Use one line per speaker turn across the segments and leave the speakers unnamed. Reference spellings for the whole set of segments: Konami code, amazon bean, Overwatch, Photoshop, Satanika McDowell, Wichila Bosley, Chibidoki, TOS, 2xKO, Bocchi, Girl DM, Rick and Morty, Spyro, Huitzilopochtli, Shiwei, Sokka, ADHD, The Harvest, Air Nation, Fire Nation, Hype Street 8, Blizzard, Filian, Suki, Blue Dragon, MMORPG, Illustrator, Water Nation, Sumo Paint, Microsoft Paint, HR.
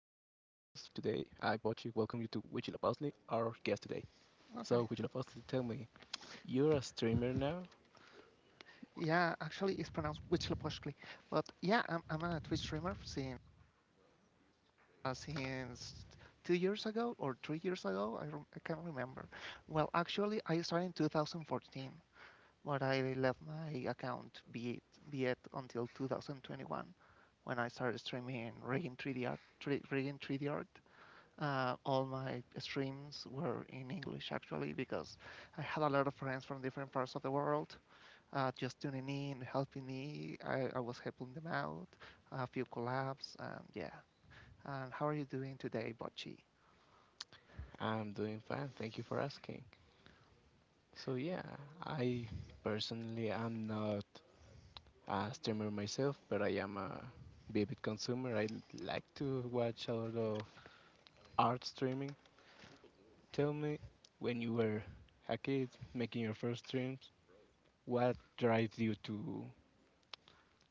welcome you to Wichila Bosley, our guest today.
Okay.
So, Wichila Bosley, tell me, you're a streamer now?
Yeah, actually, it's pronounced Huitzilopochtli. But yeah, I'm a Twitch streamer since since 2 years ago or 3 years ago. I can't remember. Well, actually, I started in 2014, but I left my account be it until 2021 when I started streaming rigging 3D art. All my streams were in English actually because I had a lot of friends from different parts of the world just tuning in, helping me. I was helping them out, a few collabs, and yeah. And how are you doing today, Bocchi?
I'm doing fine, thank you for asking. So, yeah, I personally am not a streamer myself, but I am a vivid consumer. I like to watch a lot of art streaming. Tell me, when you were a kid making your first streams, what drives you to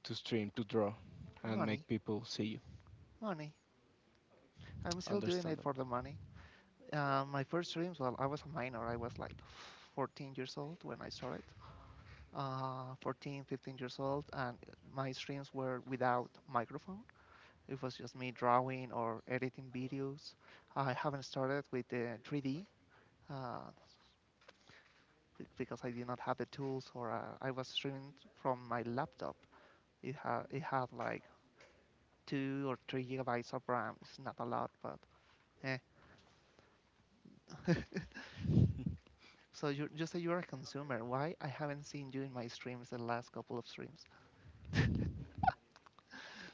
to stream, to draw, and
Money,
make people see you.
money. I'm still doing it for
Understandable.
the money. My first streams, well, I was a minor. I was like 14 years old when I started, 14, 15 years old, and my streams were without microphone. It was just me drawing or editing videos. I haven't started with the 3D. Uh, because I did not have the tools or I was streaming from my laptop. It had like 2 or 3 gigabytes of RAM. It's not a lot, but eh. So you say you're a consumer. Why I haven't seen you in my streams the last couple of streams?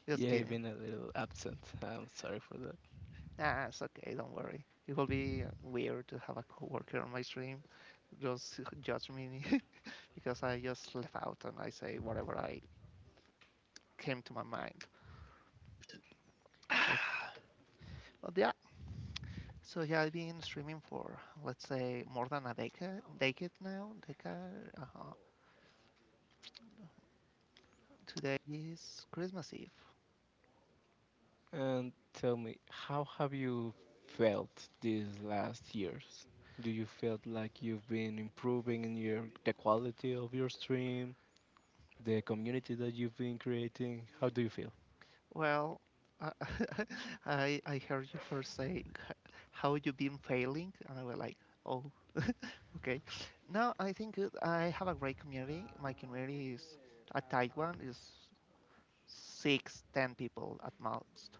Just
Yeah, I've
kidding.
been a little absent. I'm sorry for that.
Nah, it's okay. Don't worry. It will be weird to have a coworker on my stream just judge me because I just left out and I say whatever I came to my mind.
Okay.
But yeah, so yeah, I've been streaming for let's say more than a decade now. Decade. Uh-huh. Today is Christmas Eve.
And tell me, how have you felt these last years? Do you feel like you've been improving in your the quality of your stream, the community that you've been creating? How do you feel?
Well, uh, I heard you first say how you been failing, and I was like, oh, okay. No, I think I have a great community. My community is a tight one, is six, 10 people at most,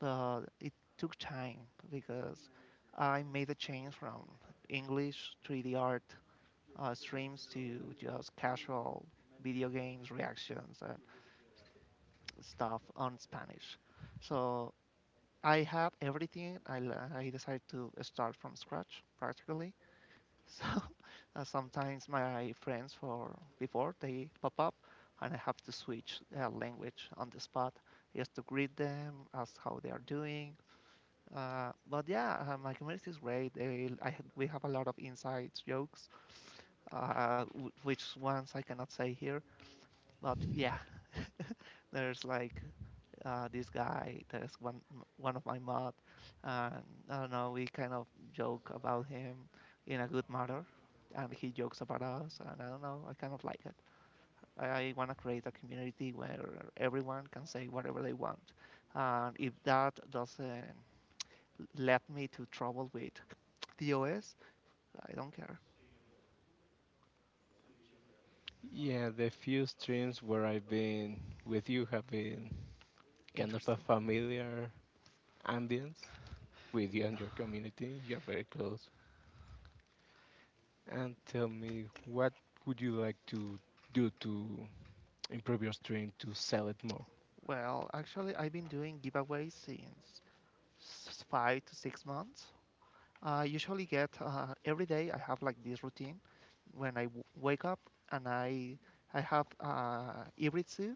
but it took time because I made a change from English 3D art streams to just casual video games reactions and stuff on Spanish. So I had everything. I decided to start from scratch practically. So sometimes my friends for before they pop up and I have to switch language on the spot just to greet them, ask how they are doing. But yeah, my community is great. We have a lot of insights, jokes, which ones I cannot say here. But yeah, there's like this guy. There's one of my mod, and I don't know. We kind of joke about him in a good manner, and he jokes about us. And I don't know. I kind of like it. I want to create a community where everyone can say whatever they want, and if that doesn't led me to trouble with DOS, I don't care.
Yeah, the few streams where I've been with you have been kind of a
Interesting.
familiar ambience with you and your community. You're very close. And tell me, what would you like to do to improve your stream to sell it more?
Well, actually, I've been doing giveaways since 5 to 6 months. I usually get every day. I have like this routine when I wake up, and I have hybrid zoo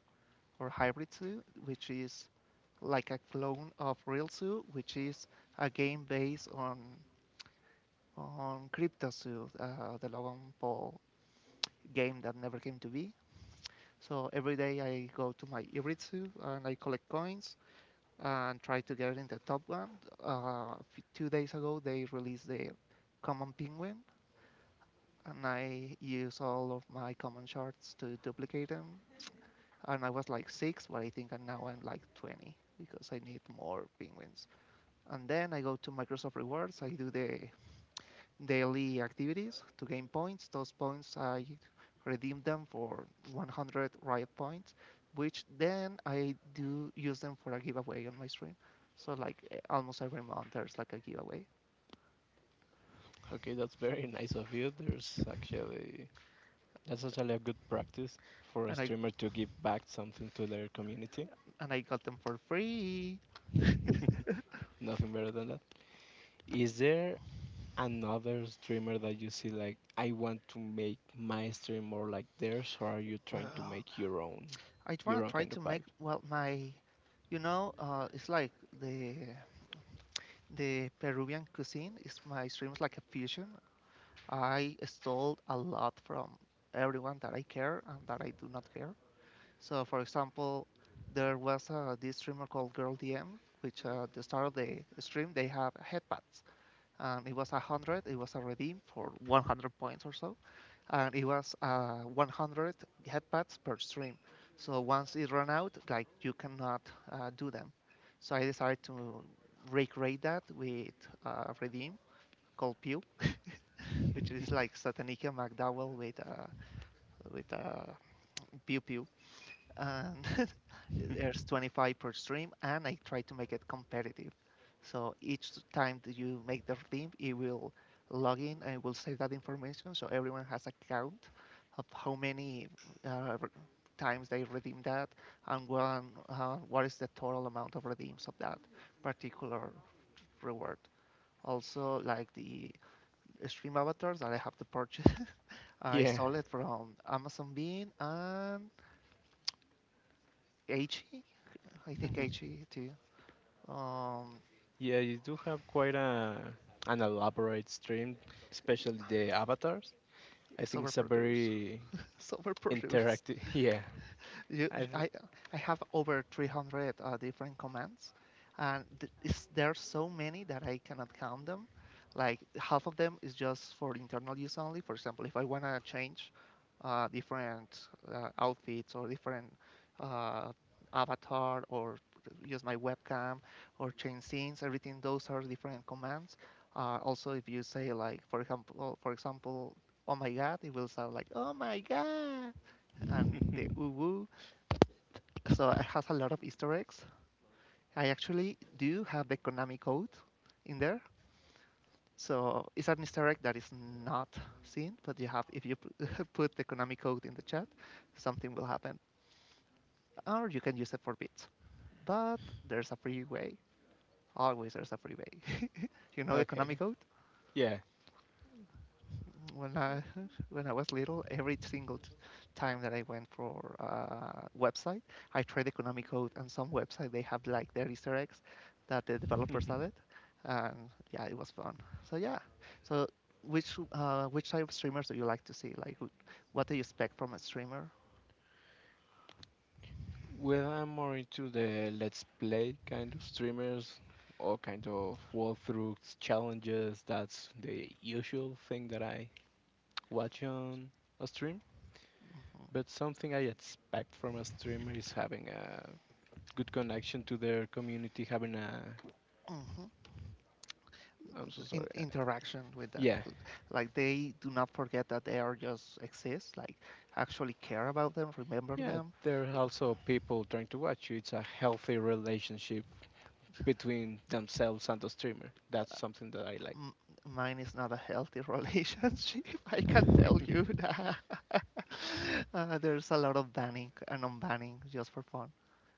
or hybrid zoo, which is like a clone of real zoo, which is a game based on crypto zoo, the Logan Paul game that never came to be. So every day I go to my hybrid zoo and I collect coins and try to get in the top one. 2 days ago they released the common penguin and I use all of my common shards to duplicate them. And I was like six, but I think I now I'm like 20 because I need more penguins. And then I go to Microsoft Rewards. I do the daily activities to gain points. Those points I redeem them for 100 riot points, which then I do use them for a giveaway on my stream. So like almost every month there's like a giveaway,
Okay, that's very nice of you. There's actually, that's actually a good practice for a
and I
streamer to give back something to their community.
and I got them for free.
Nothing better than that. Is there another streamer that you see like I want to make my stream more like theirs, or are you trying to
Well,
make
I wanna
your own
try
kind
to
of
make
vibe?
well my it's like the Peruvian cuisine is my stream is like a fusion. I stole a lot from everyone that I care and that I do not care. So for example, there was this streamer called Girl DM, which at the start of the stream they have headbats, and it was 100. It was a redeem for 100 points or so and it was 100 headpads per stream. So once it ran out, like you cannot do them. So I decided to recreate that with Redeem called Pew, which is like Satanika McDowell with with Pew Pew and there's 25 per stream, and I try to make it competitive, so each time that you make the team it will log in and it will save that information, so everyone has a count of how many uh, times they redeem that, and what is the total amount of redeems of that particular reward. Also, like the stream avatars that I have to purchase, I
Yeah.
stole it from Amazon Bean and Aichi. I think HE too. Um,
Yeah, you do have quite a an elaborate stream, especially the avatars. I
it's
think it's a
overproduced.
very
It's overproduced.
interactive. Yeah,
You,
I th-
I, I have over 300 different commands, and there are so many that I cannot count them. Like half of them is just for internal use only. For example, if I want to change different outfits or different uh, avatar or use my webcam or change scenes, everything, those are different commands. Also, if you say, like, for example, oh my god, it will sound like oh my god, and the ooh, so it has a lot of Easter eggs. I actually do have the Konami code in there. So it's an Easter egg that is not seen, but you have, if you put the Konami code in the chat, something will happen, or you can use it for bits. But there's a free way. Always there's a free way. You know the Konami
okay.
code?
Yeah,
When I When I was little, every single time that I went for website, I tried economic code, and some website they have like their Easter eggs that the developers added, and yeah, it was fun. So yeah, so which type of streamers do you like to see? Like, what do you expect from a streamer?
well, I'm more into the let's play kind of streamers or kind of walkthroughs, challenges. That's the usual thing that I watch on a stream. But something I expect from a streamer is having a good connection to their community, having a
Hmm.
I'm so sorry.
In, interaction with them,
Yeah.
like they do not forget that they are just exist. Like, actually care about them, remember
Yeah,
them.
there are also people trying to watch you. It's a healthy relationship between themselves and the streamer. That's something that I like.
M- mine is not a healthy relationship. I can tell you that. There's a lot of banning and unbanning just for fun.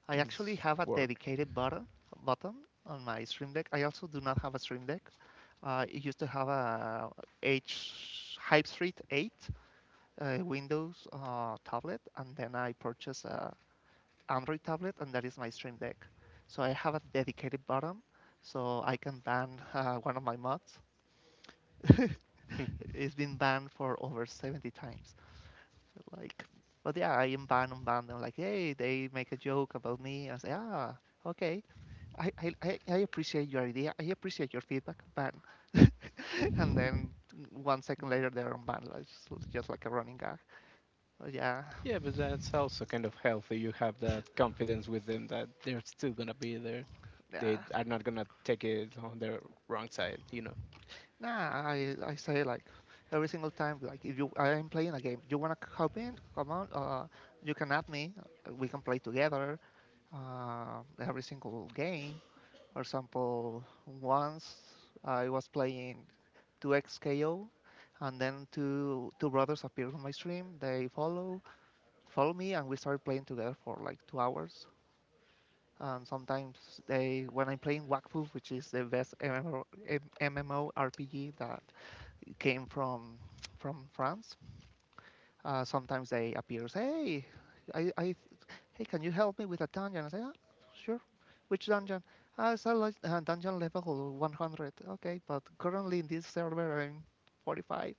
I actually
It's
have a
work.
dedicated button on my Stream Deck. I also do not have a Stream Deck. It used to have a H Hype Street 8 Windows tablet, and then I purchased a Android tablet, and that is my Stream Deck. So I have a dedicated button, so I can ban one of my mods. It's been banned for over 70 times. Like, but yeah, I am banned and banned. I'm like, hey, they make a joke about me. I say, ah, okay. I appreciate your idea. I appreciate your feedback. Ban. And then one second later, they're unbanned. Like, it's just like a running gag. But yeah,
Yeah, but that's also kind of healthy. You have that confidence with them that they're still gonna be there. They
yeah.
are not gonna take it on their wrong side, you know.
Nah, I say, like, every single time, like if you I'm playing a game, you wanna help in? Come on, you can add me. We can play together. Every single game. For example, once I was playing 2xKO, and then two brothers appeared on my stream. They follow me, and we started playing together for like 2 hours. And sometimes they, when I'm playing Wakfu, which is the best MMORPG that came from France, sometimes they appear, say, hey, I, I, hey, can you help me with a dungeon? I say, ah, sure. Which dungeon? Ah, it's a dungeon level 100. Okay, but currently in this server I'm 45.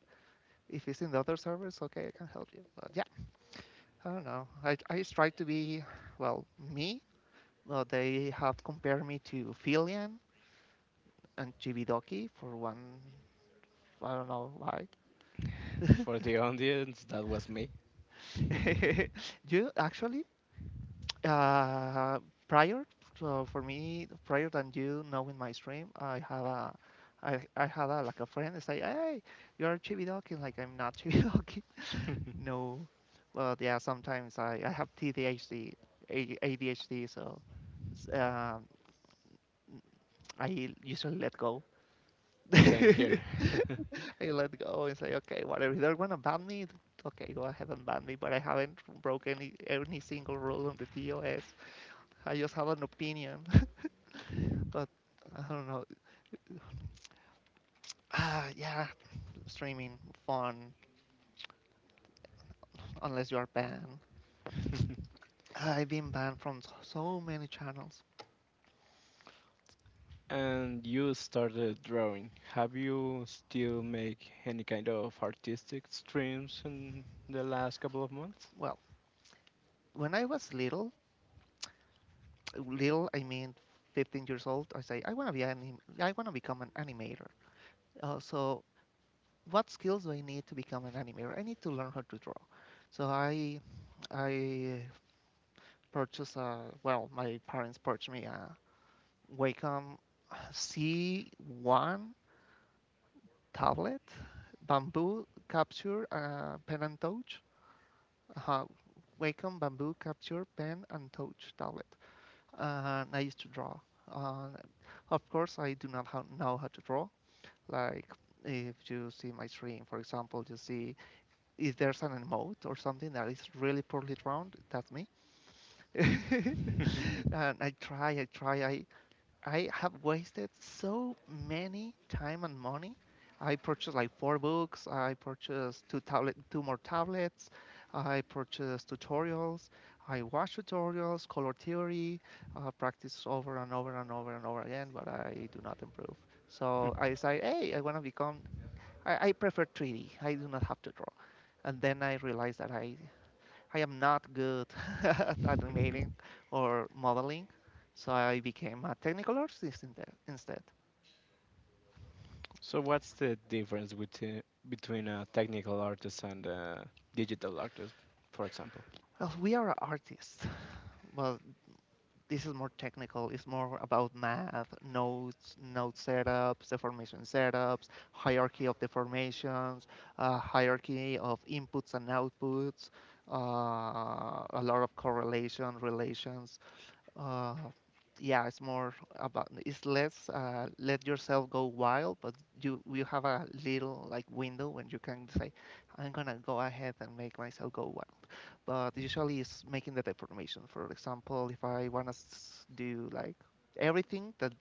If it's in the other servers, okay, I can help you. But yeah, I don't know. I try to be, well, me. Well, they have compared me to Filian and Chibidoki for one, I don't know why.
For the audience, that was me.
you actually Uh, prior, so for me, Prior than you knowing my stream, I had a, like a friend say, hey, you are Chibidoki. Like I'm not Chibidoki. No, well yeah, sometimes I have TDHD, ADHD, so s- um, I usually let go.
Same here.
I let go and say, okay, whatever they're gonna ban me, okay, go ahead and ban me. But I haven't broken any single rule on the TOS. I just have an opinion, but I don't know. Ah, yeah, streaming fun unless you are banned. I've been banned from so many channels.
And you started drawing. Have you still make any kind of artistic streams in the last couple of months?
Well, when I was little, little I mean 15 years old, I say I want to I want to become an animator. So what skills do I need to become an animator? I need to learn how to draw. So I purchased a well, my parents purchased me a Wacom C1 tablet, bamboo capture pen and touch. Uh, Wacom bamboo capture pen and touch tablet. And I used to draw. Uh, of course, I do not know how to draw. Like if you see my stream, for example, you see if there's an emote or something that is really poorly drawn, that's me. And I try, I have wasted so many time and money. I purchased like four books. I purchased two tablet, two more tablets. I purchased tutorials. I watched tutorials, color theory, practice over and over and over and over again, but I do not improve. So I decided, hey, I want to become. I prefer 3D. I do not have to draw. And then I realized that I am not good at animating or modeling, so I became a technical artist instead.
So what's the difference between a technical artist and a digital artist, for example?
Well, we are artists, but this is more technical. It's more about math, nodes, node setups, deformation setups, hierarchy of deformations, hierarchy of inputs and outputs, a lot of correlation, relations. Uh, yeah, it's more about, it's less, let yourself go wild, but you have a little like window when you can say, I'm gonna go ahead and make myself go wild. But usually it's making the deformation. For example, if I wanna do like everything that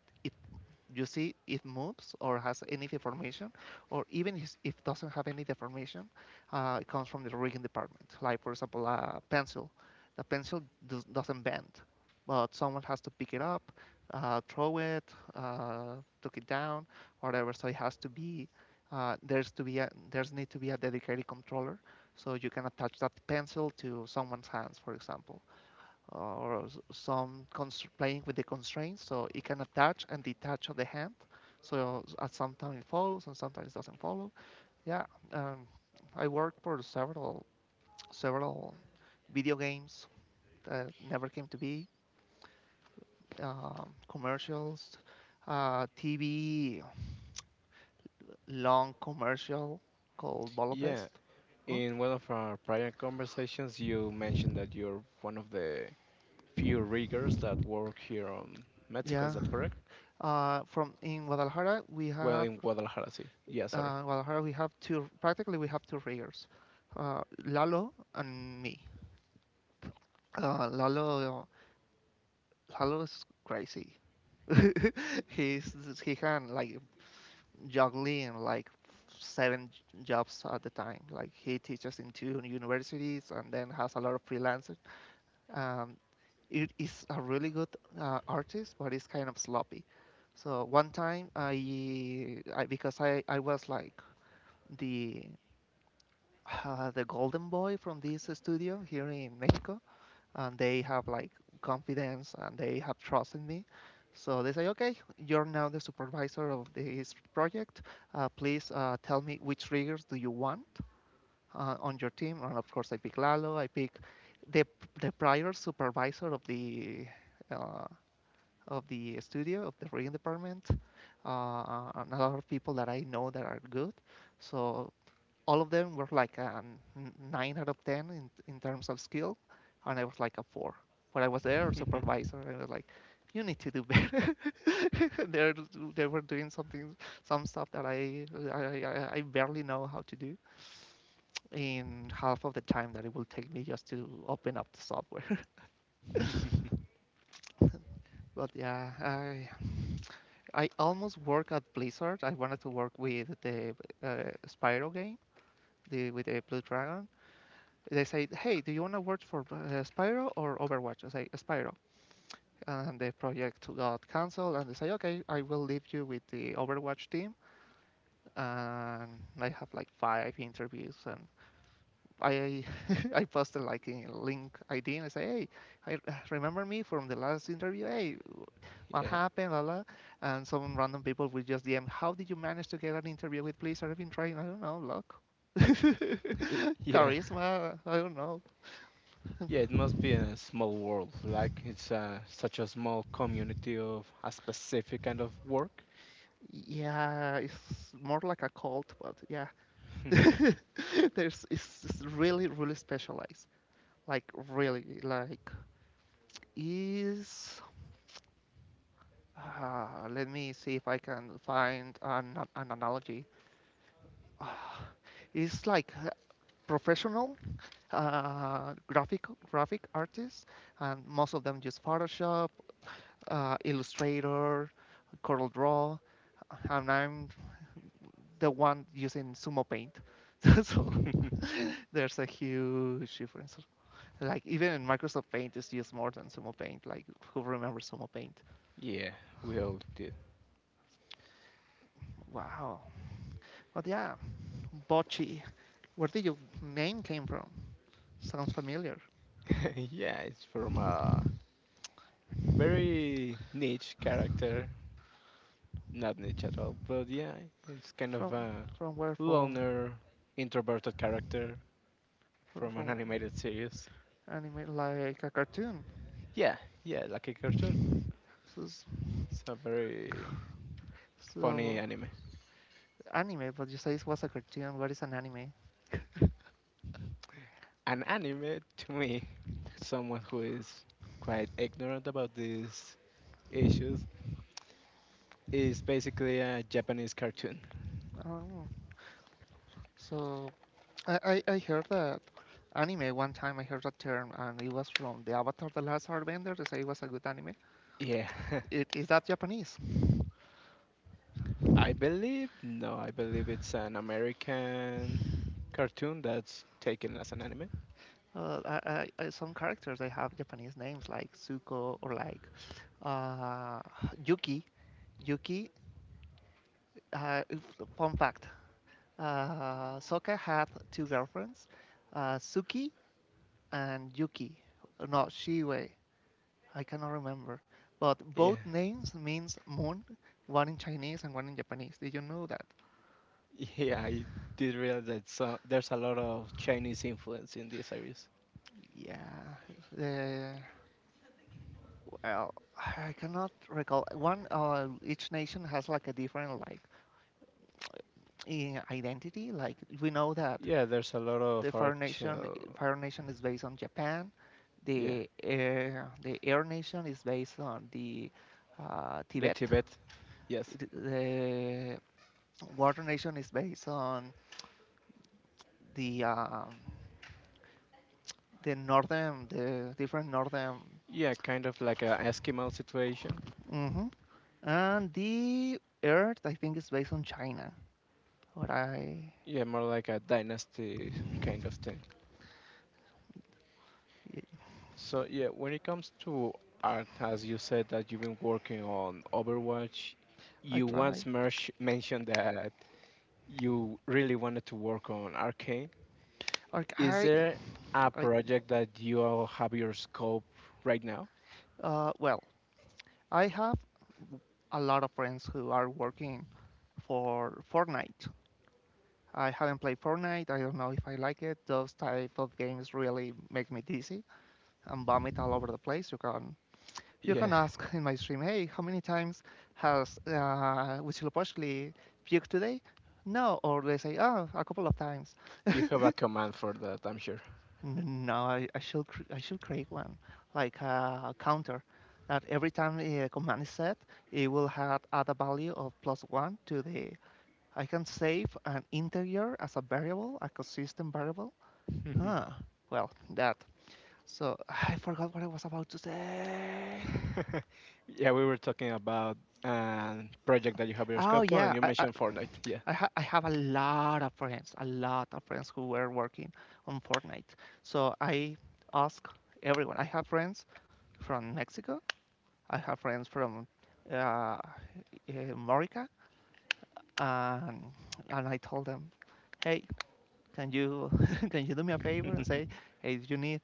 you see it moves or has any deformation, or even if it doesn't have any deformation, it comes from the rigging department. Like, for example, a pencil. The doesn't bend, but someone has to pick it up, throw it, took it down, whatever. So it has to be, there's need to be a dedicated controller so you can attach that pencil to someone's hands, for example, or some playing with the constraints. So it can attach and detach of the hand. So at sometimes it follows and sometimes it doesn't follow. Yeah. um, I worked for several video games that never came to be, commercials, TV long commercial called
Yeah,
Bolofest. Mm.
in one of our prior conversations, you mentioned that you're one of the few riggers that work here on Mexico. Is
Yeah.
that correct?
From in
Well, in Guadalajara, sí. Yeah, sorry.
Guadalajara, we have two, practically we have two ringers, Lalo and me. Uh, Lalo, Lalo is crazy. He can like juggling like 7 jobs at the time. Like he teaches in 2 universities and then has a lot of freelancers. Um, it is a really good artist, but it's kind of sloppy. So one time I was like the the golden boy from this studio here in Mexico, and they have like confidence and they have trust in me. So they say, okay, you're now the supervisor of this project. Please tell me which triggers do you want on your team. And of course, I pick Lalo. I pick the the prior supervisor of uh, the studio of the rigging department, and a lot of people that I know that are good. So all of them were like a 9 out of 10 in terms of skill, and I was like a four. But I was there supervisor, and I was like, "You need to do better." they they were doing something, some stuff that I I I barely know how to do in half of the time that it will take me just to open up the software. But yeah, I almost work at Blizzard. I wanted to work with the Spyro game, the with the Blue Dragon. They say, "Hey, do you want to work for Spyro or Overwatch?" I say, "Spyro." And the project got canceled, and they say, "Okay, I will leave you with the Overwatch team." And I have like five interviews, and I I posted like in link ID, and I say, "Hey, I remember me from the last interview. Hey, what
yeah,
happened, blah, blah." And some random people will just DM, how did you manage to get an interview with Blizzard? I've been trying, I don't know, luck,
it, yeah.
charisma, I don't know.
Yeah, it must be a small world. Like it's such a small community of a specific kind of work.
Yeah, it's more like a cult, but yeah. It's really specialized. Like really like is let me see if I can find an analogy. Uh, it's like professional graphic artists and most of them use Photoshop, Illustrator, Corel Draw, and I'm the one using Sumo Paint. so there's a huge difference. Like even Microsoft Paint is used more than Sumo Paint. Like who remembers Sumo Paint?
yeah, we all did.
Wow. But yeah, Bocce. Where did your name came from? Sounds familiar.
yeah, it's from a very niche character. Not niche at all, but yeah, it's kind of
From
a
from where? From
loner, introverted character
from,
from an
from
animated series.
anime like a cartoon.
Yeah, yeah, like a cartoon.
So,
It's a very funny
so
anime.
anime, but you say it was a cartoon. What is an anime?
An anime to me, someone who is quite ignorant about these issues, is basically a Japanese cartoon.
Oh, so I heard that anime one time. I heard that term, and it was from the Avatar: The Last Airbender. They say it was a good anime.
Yeah,
It is that Japanese.
I believe, no, I believe it's an American cartoon that's taken as an anime.
Uh, I, some characters they have Japanese names like Zuko or like uh, Yuki. Yuki. Fun fact: Sokka had two girlfriends, Suki and Yuki. No, Shiwei. I cannot remember, but
Yeah,
both names means moon. One in Chinese and one in Japanese. Did you know that?
yeah, I did realize that so, there's a lot of Chinese influence in this series.
Yeah. Uh, well, I cannot recall. One, each nation has like a different like identity. Like we know that
Yeah, there's a lot
the
of
Fire Nation,
actual,
Fire Nation is based on Japan.
yeah,
The Air Nation is based on the
the
Tibet.
Tibet, yes.
The Water Nation is based on the um, the different northern.
Yeah, kind of like a Eskimo situation.
Hmm. And the Earth, I think, is based on China. All right.
Yeah, more like a dynasty kind of thing.
I
So yeah, when it comes to art, as you said that you've been working on Overwatch, you once
try.
mentioned that you really wanted to work on Arcane.
Like
Is there a
I
project that you all have your scope right now?
well, I have a lot of friends who are working for Fortnite. I haven't played Fortnite. I don't know if I like it. Those type of games really make me dizzy and vomit all over the place. You can
Yeah,
ask in my stream, hey, how many times has Huitzilopochtli puked today? No, or they say, oh, a couple of times.
you have a command for that, I'm sure.
No, I should create one like a counter that every time a command is set, it will have add a value of plus one to the. I can save an integer as a variable, a consistent variable. Huh. Well, that. So I forgot what I was about to say.
Yeah, we were talking about a project that you have your
Oh
scope on, and
yeah,
you
I I,
mentioned Fortnite. Yeah,
I, ha- I have a lot of friends, a lot of friends who were working on Fortnite. So I ask everyone. I have friends from Mexico, I have friends from uh, uh, Morica, and and I told them, hey, can you can you do me a favor and say, hey, if you need,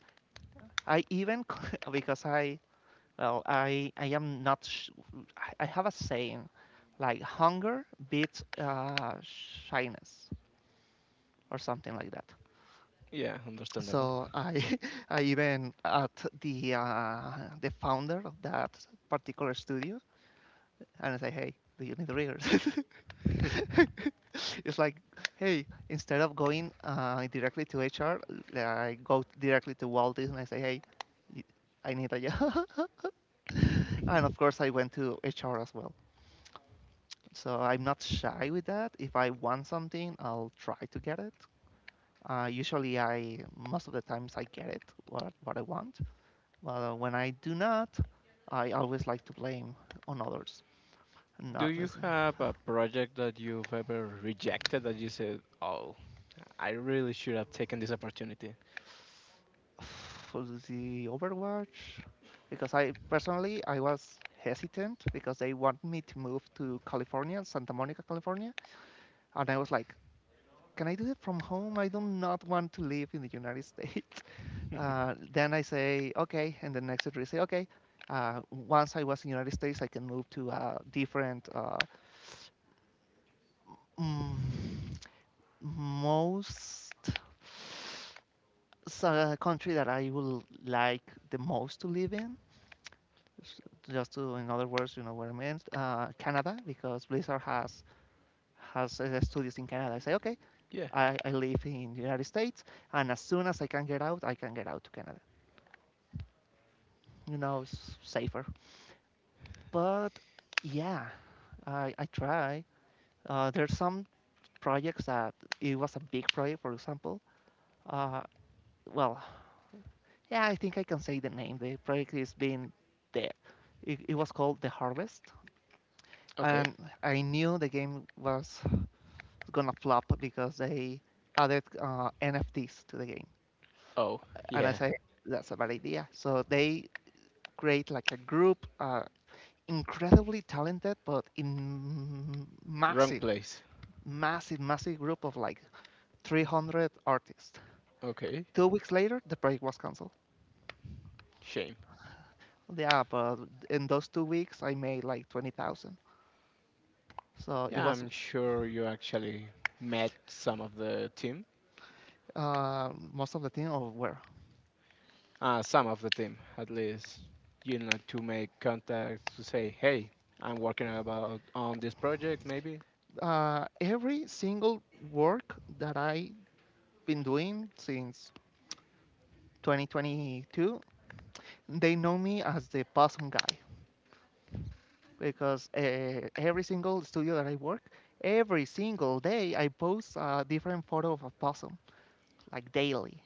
I even because I well I am not sh- I have a saying, like hunger beats shyness or something like that.
yeah, understandable.
So I I even at the founder of that particular studio and I say, hey, do you need the readers? it's like, hey, instead of going directly to HR, I go directly to Walt Disney and I say, hey, I need a job. And of course, I went to HR as well. So I'm not shy with that. If I want something, I'll try to get it. Usually, I most of the times I get it what I want, but when I do not, I always like to blame on others.
Do
Not
you
listen.
have a project that you've ever rejected that you said, "Oh, I really should have taken this opportunity"?
For the Overwatch because I personally I was hesitant because they want me to move to California, Santa Monica, California, and I was like, can I do it from home? I do not want to live in the United States. Then I say okay, and the next day I say okay. Once I was in the United States, I can move to a different mm, most country that I will like the most to live in. Just to in other words you know what I meant Canada, because Blizzard has studios in Canada. I say okay.
Yeah.
I live in the United States, and as soon as I can get out, I can get out to Canada. You know, it's safer. But yeah, I try. There's some projects that... It was a big project, for example. uh, well yeah, I think I can say the name. The project is being dead. It was called The Harvest.
Okay.
And I knew the game was... It's gonna flop because they added NFTs to the game.
Oh,
And I
yeah,
say that's a bad idea. So they create like a group, incredibly talented, but in
wrong
massive,
place.
massive, massive group of like 300 artists.
Okay.
2 weeks later, the project was canceled.
Shame.
Yeah, but in those 2 weeks, I made like 20,000. So it
Yeah,
was...
I'm sure you actually met some of the team.
Most of the thing of...
Some of the team, at least. You know, to make contacts to say, "Hey, I'm working about on this project. Maybe
Every single work that I have been doing since 2022, they know me as the possum guy, because every single studio that I work, every single day I post a different photo of a possum, like daily.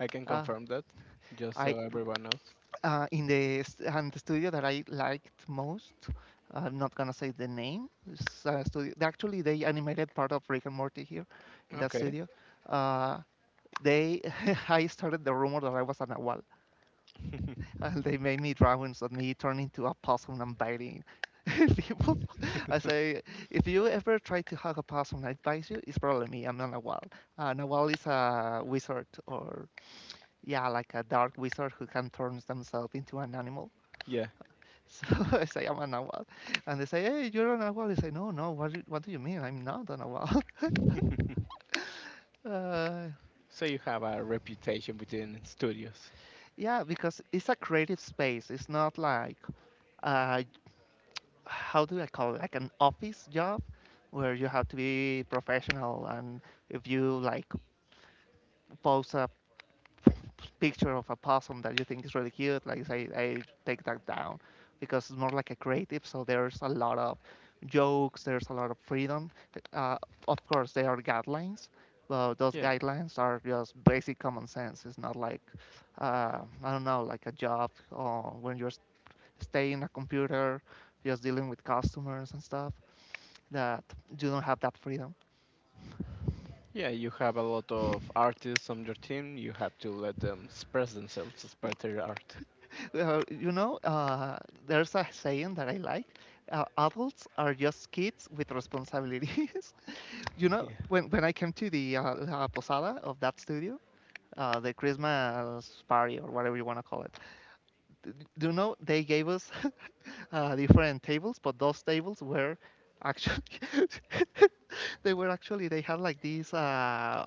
I can
Uh,
confirm that," just
I
so everyone knows.
In the... And the studio that I liked most, I'm not gonna say the name. It's a studio. Actually, they animated part of Rick and Morty here in that
Okay.
studio. Uh, they I started the rumor that I was a Nahual. And they made me drawings of me turning into a possum and biting people. I say, if you ever try to hug a possum, I advise you, it's probably me. I'm not a wall. Nawal is a wizard, or yeah, like a dark wizard who can turn themselves into an animal.
Yeah.
So I say I'm a Nawal, and they say, "Hey, you're a Nawal." They say, "No, no. What do you mean? I'm not a Nawal." uh,
so you have a reputation within studios.
yeah, because it's a creative space. It's not like uh, how do I call it, like an office job where you have to be professional, and if you like post a picture of a possum that you think is really cute, like I take that down, because it's more like a creative. So there's a lot of jokes, there's a lot of freedom. Uh, of course, there are guidelines, but those
Yeah.
guidelines are just basic common sense. It's not like I don't know, like a job or when you're staying a computer, just dealing with customers and stuff. That you don't have that freedom.
Yeah, you have a lot of artists on your team. You have to let them express themselves, express their art.
Well, you know, there's a saying that I like. Adults are just kids with responsibilities. You know,
Yeah.
when I came to the la posada of that studio, the Christmas party or whatever you want to call it, d- do you know they gave us different tables, but those tables were actually they were actually they had like these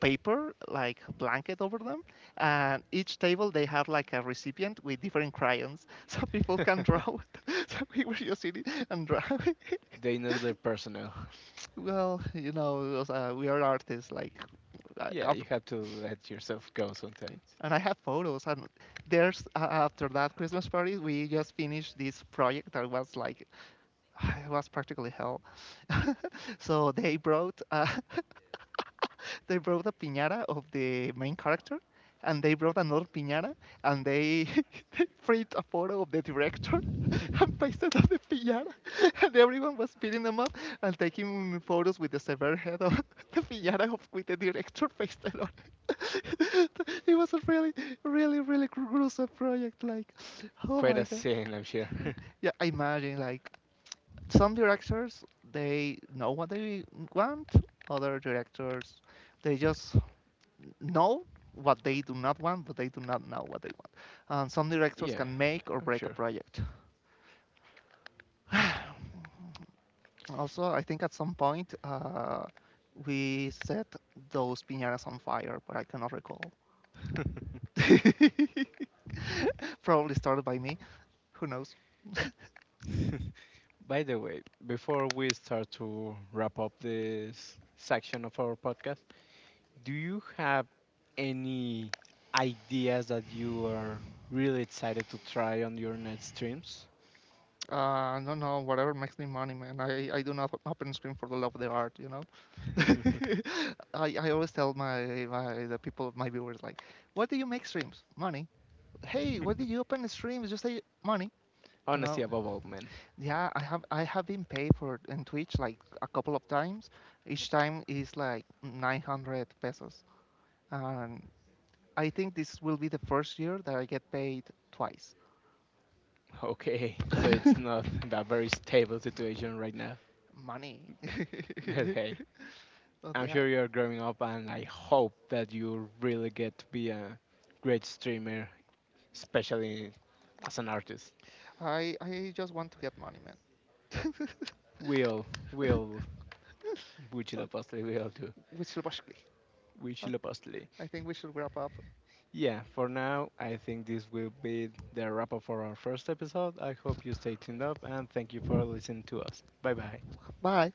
paper like blanket over them, and each table they had like a recipient with different crayons, so people can draw it. So we were just sitting and drawing.
they know their personnel.
Well, you know, it was, we are artists. Like, I-
Yeah,
of...
you have to let yourself go sometimes.
And I have photos. And there's after that Christmas party, we just finished this project that was like it was practically hell. So they brought they brought a piñata of the main character, and they brought another piñata, and they print a photo of the director. And pasted on the piñata, and everyone was beating them up and taking photos with the severed head of the piñata of with the director pasted on it. It was a really, really, really gruesome project. Like, oh
Quite
my
a
god.
scene, I'm sure.
Yeah, I imagine like some directors, they know what they want. Other directors, they just know what they do not want, but they do not know what they want. And some directors
yeah,
can make or
I'm
break a
sure.
project. Also, I think at some point we set those piñatas on fire, but I cannot recall. Probably started by me, who knows.
By the way, before we start to wrap up this section of our podcast, do you have any ideas that you are really excited to try on your next streams?
No, no, whatever makes me money, man. I do not open stream for the love of the art, you know. I always tell my, my the people my viewers like, what do you make streams? Money. Hey, what do you open the streams? Just say money, you
Honesty
know.
above all, man.
Yeah, I have been paid for in Twitch like a couple of times. Each time is like 900 pesos, and I think this will be the first year that I get paid twice.
Okay, so it's not a very stable situation right now.
Money.
But hey,
But
I'm
yeah,
sure you're growing up, and I hope that you really get to be a great streamer, especially as an artist.
I just want to get money, man.
We'll, we'll, we
Ok,
will do.
Whistle basically.
We
Ok,
will.
I think we should wrap up.
Yeah, for now, I think this will be the wrap up for our first episode. I hope you stay tuned up and thank you for listening to us. Bye bye.
Bye.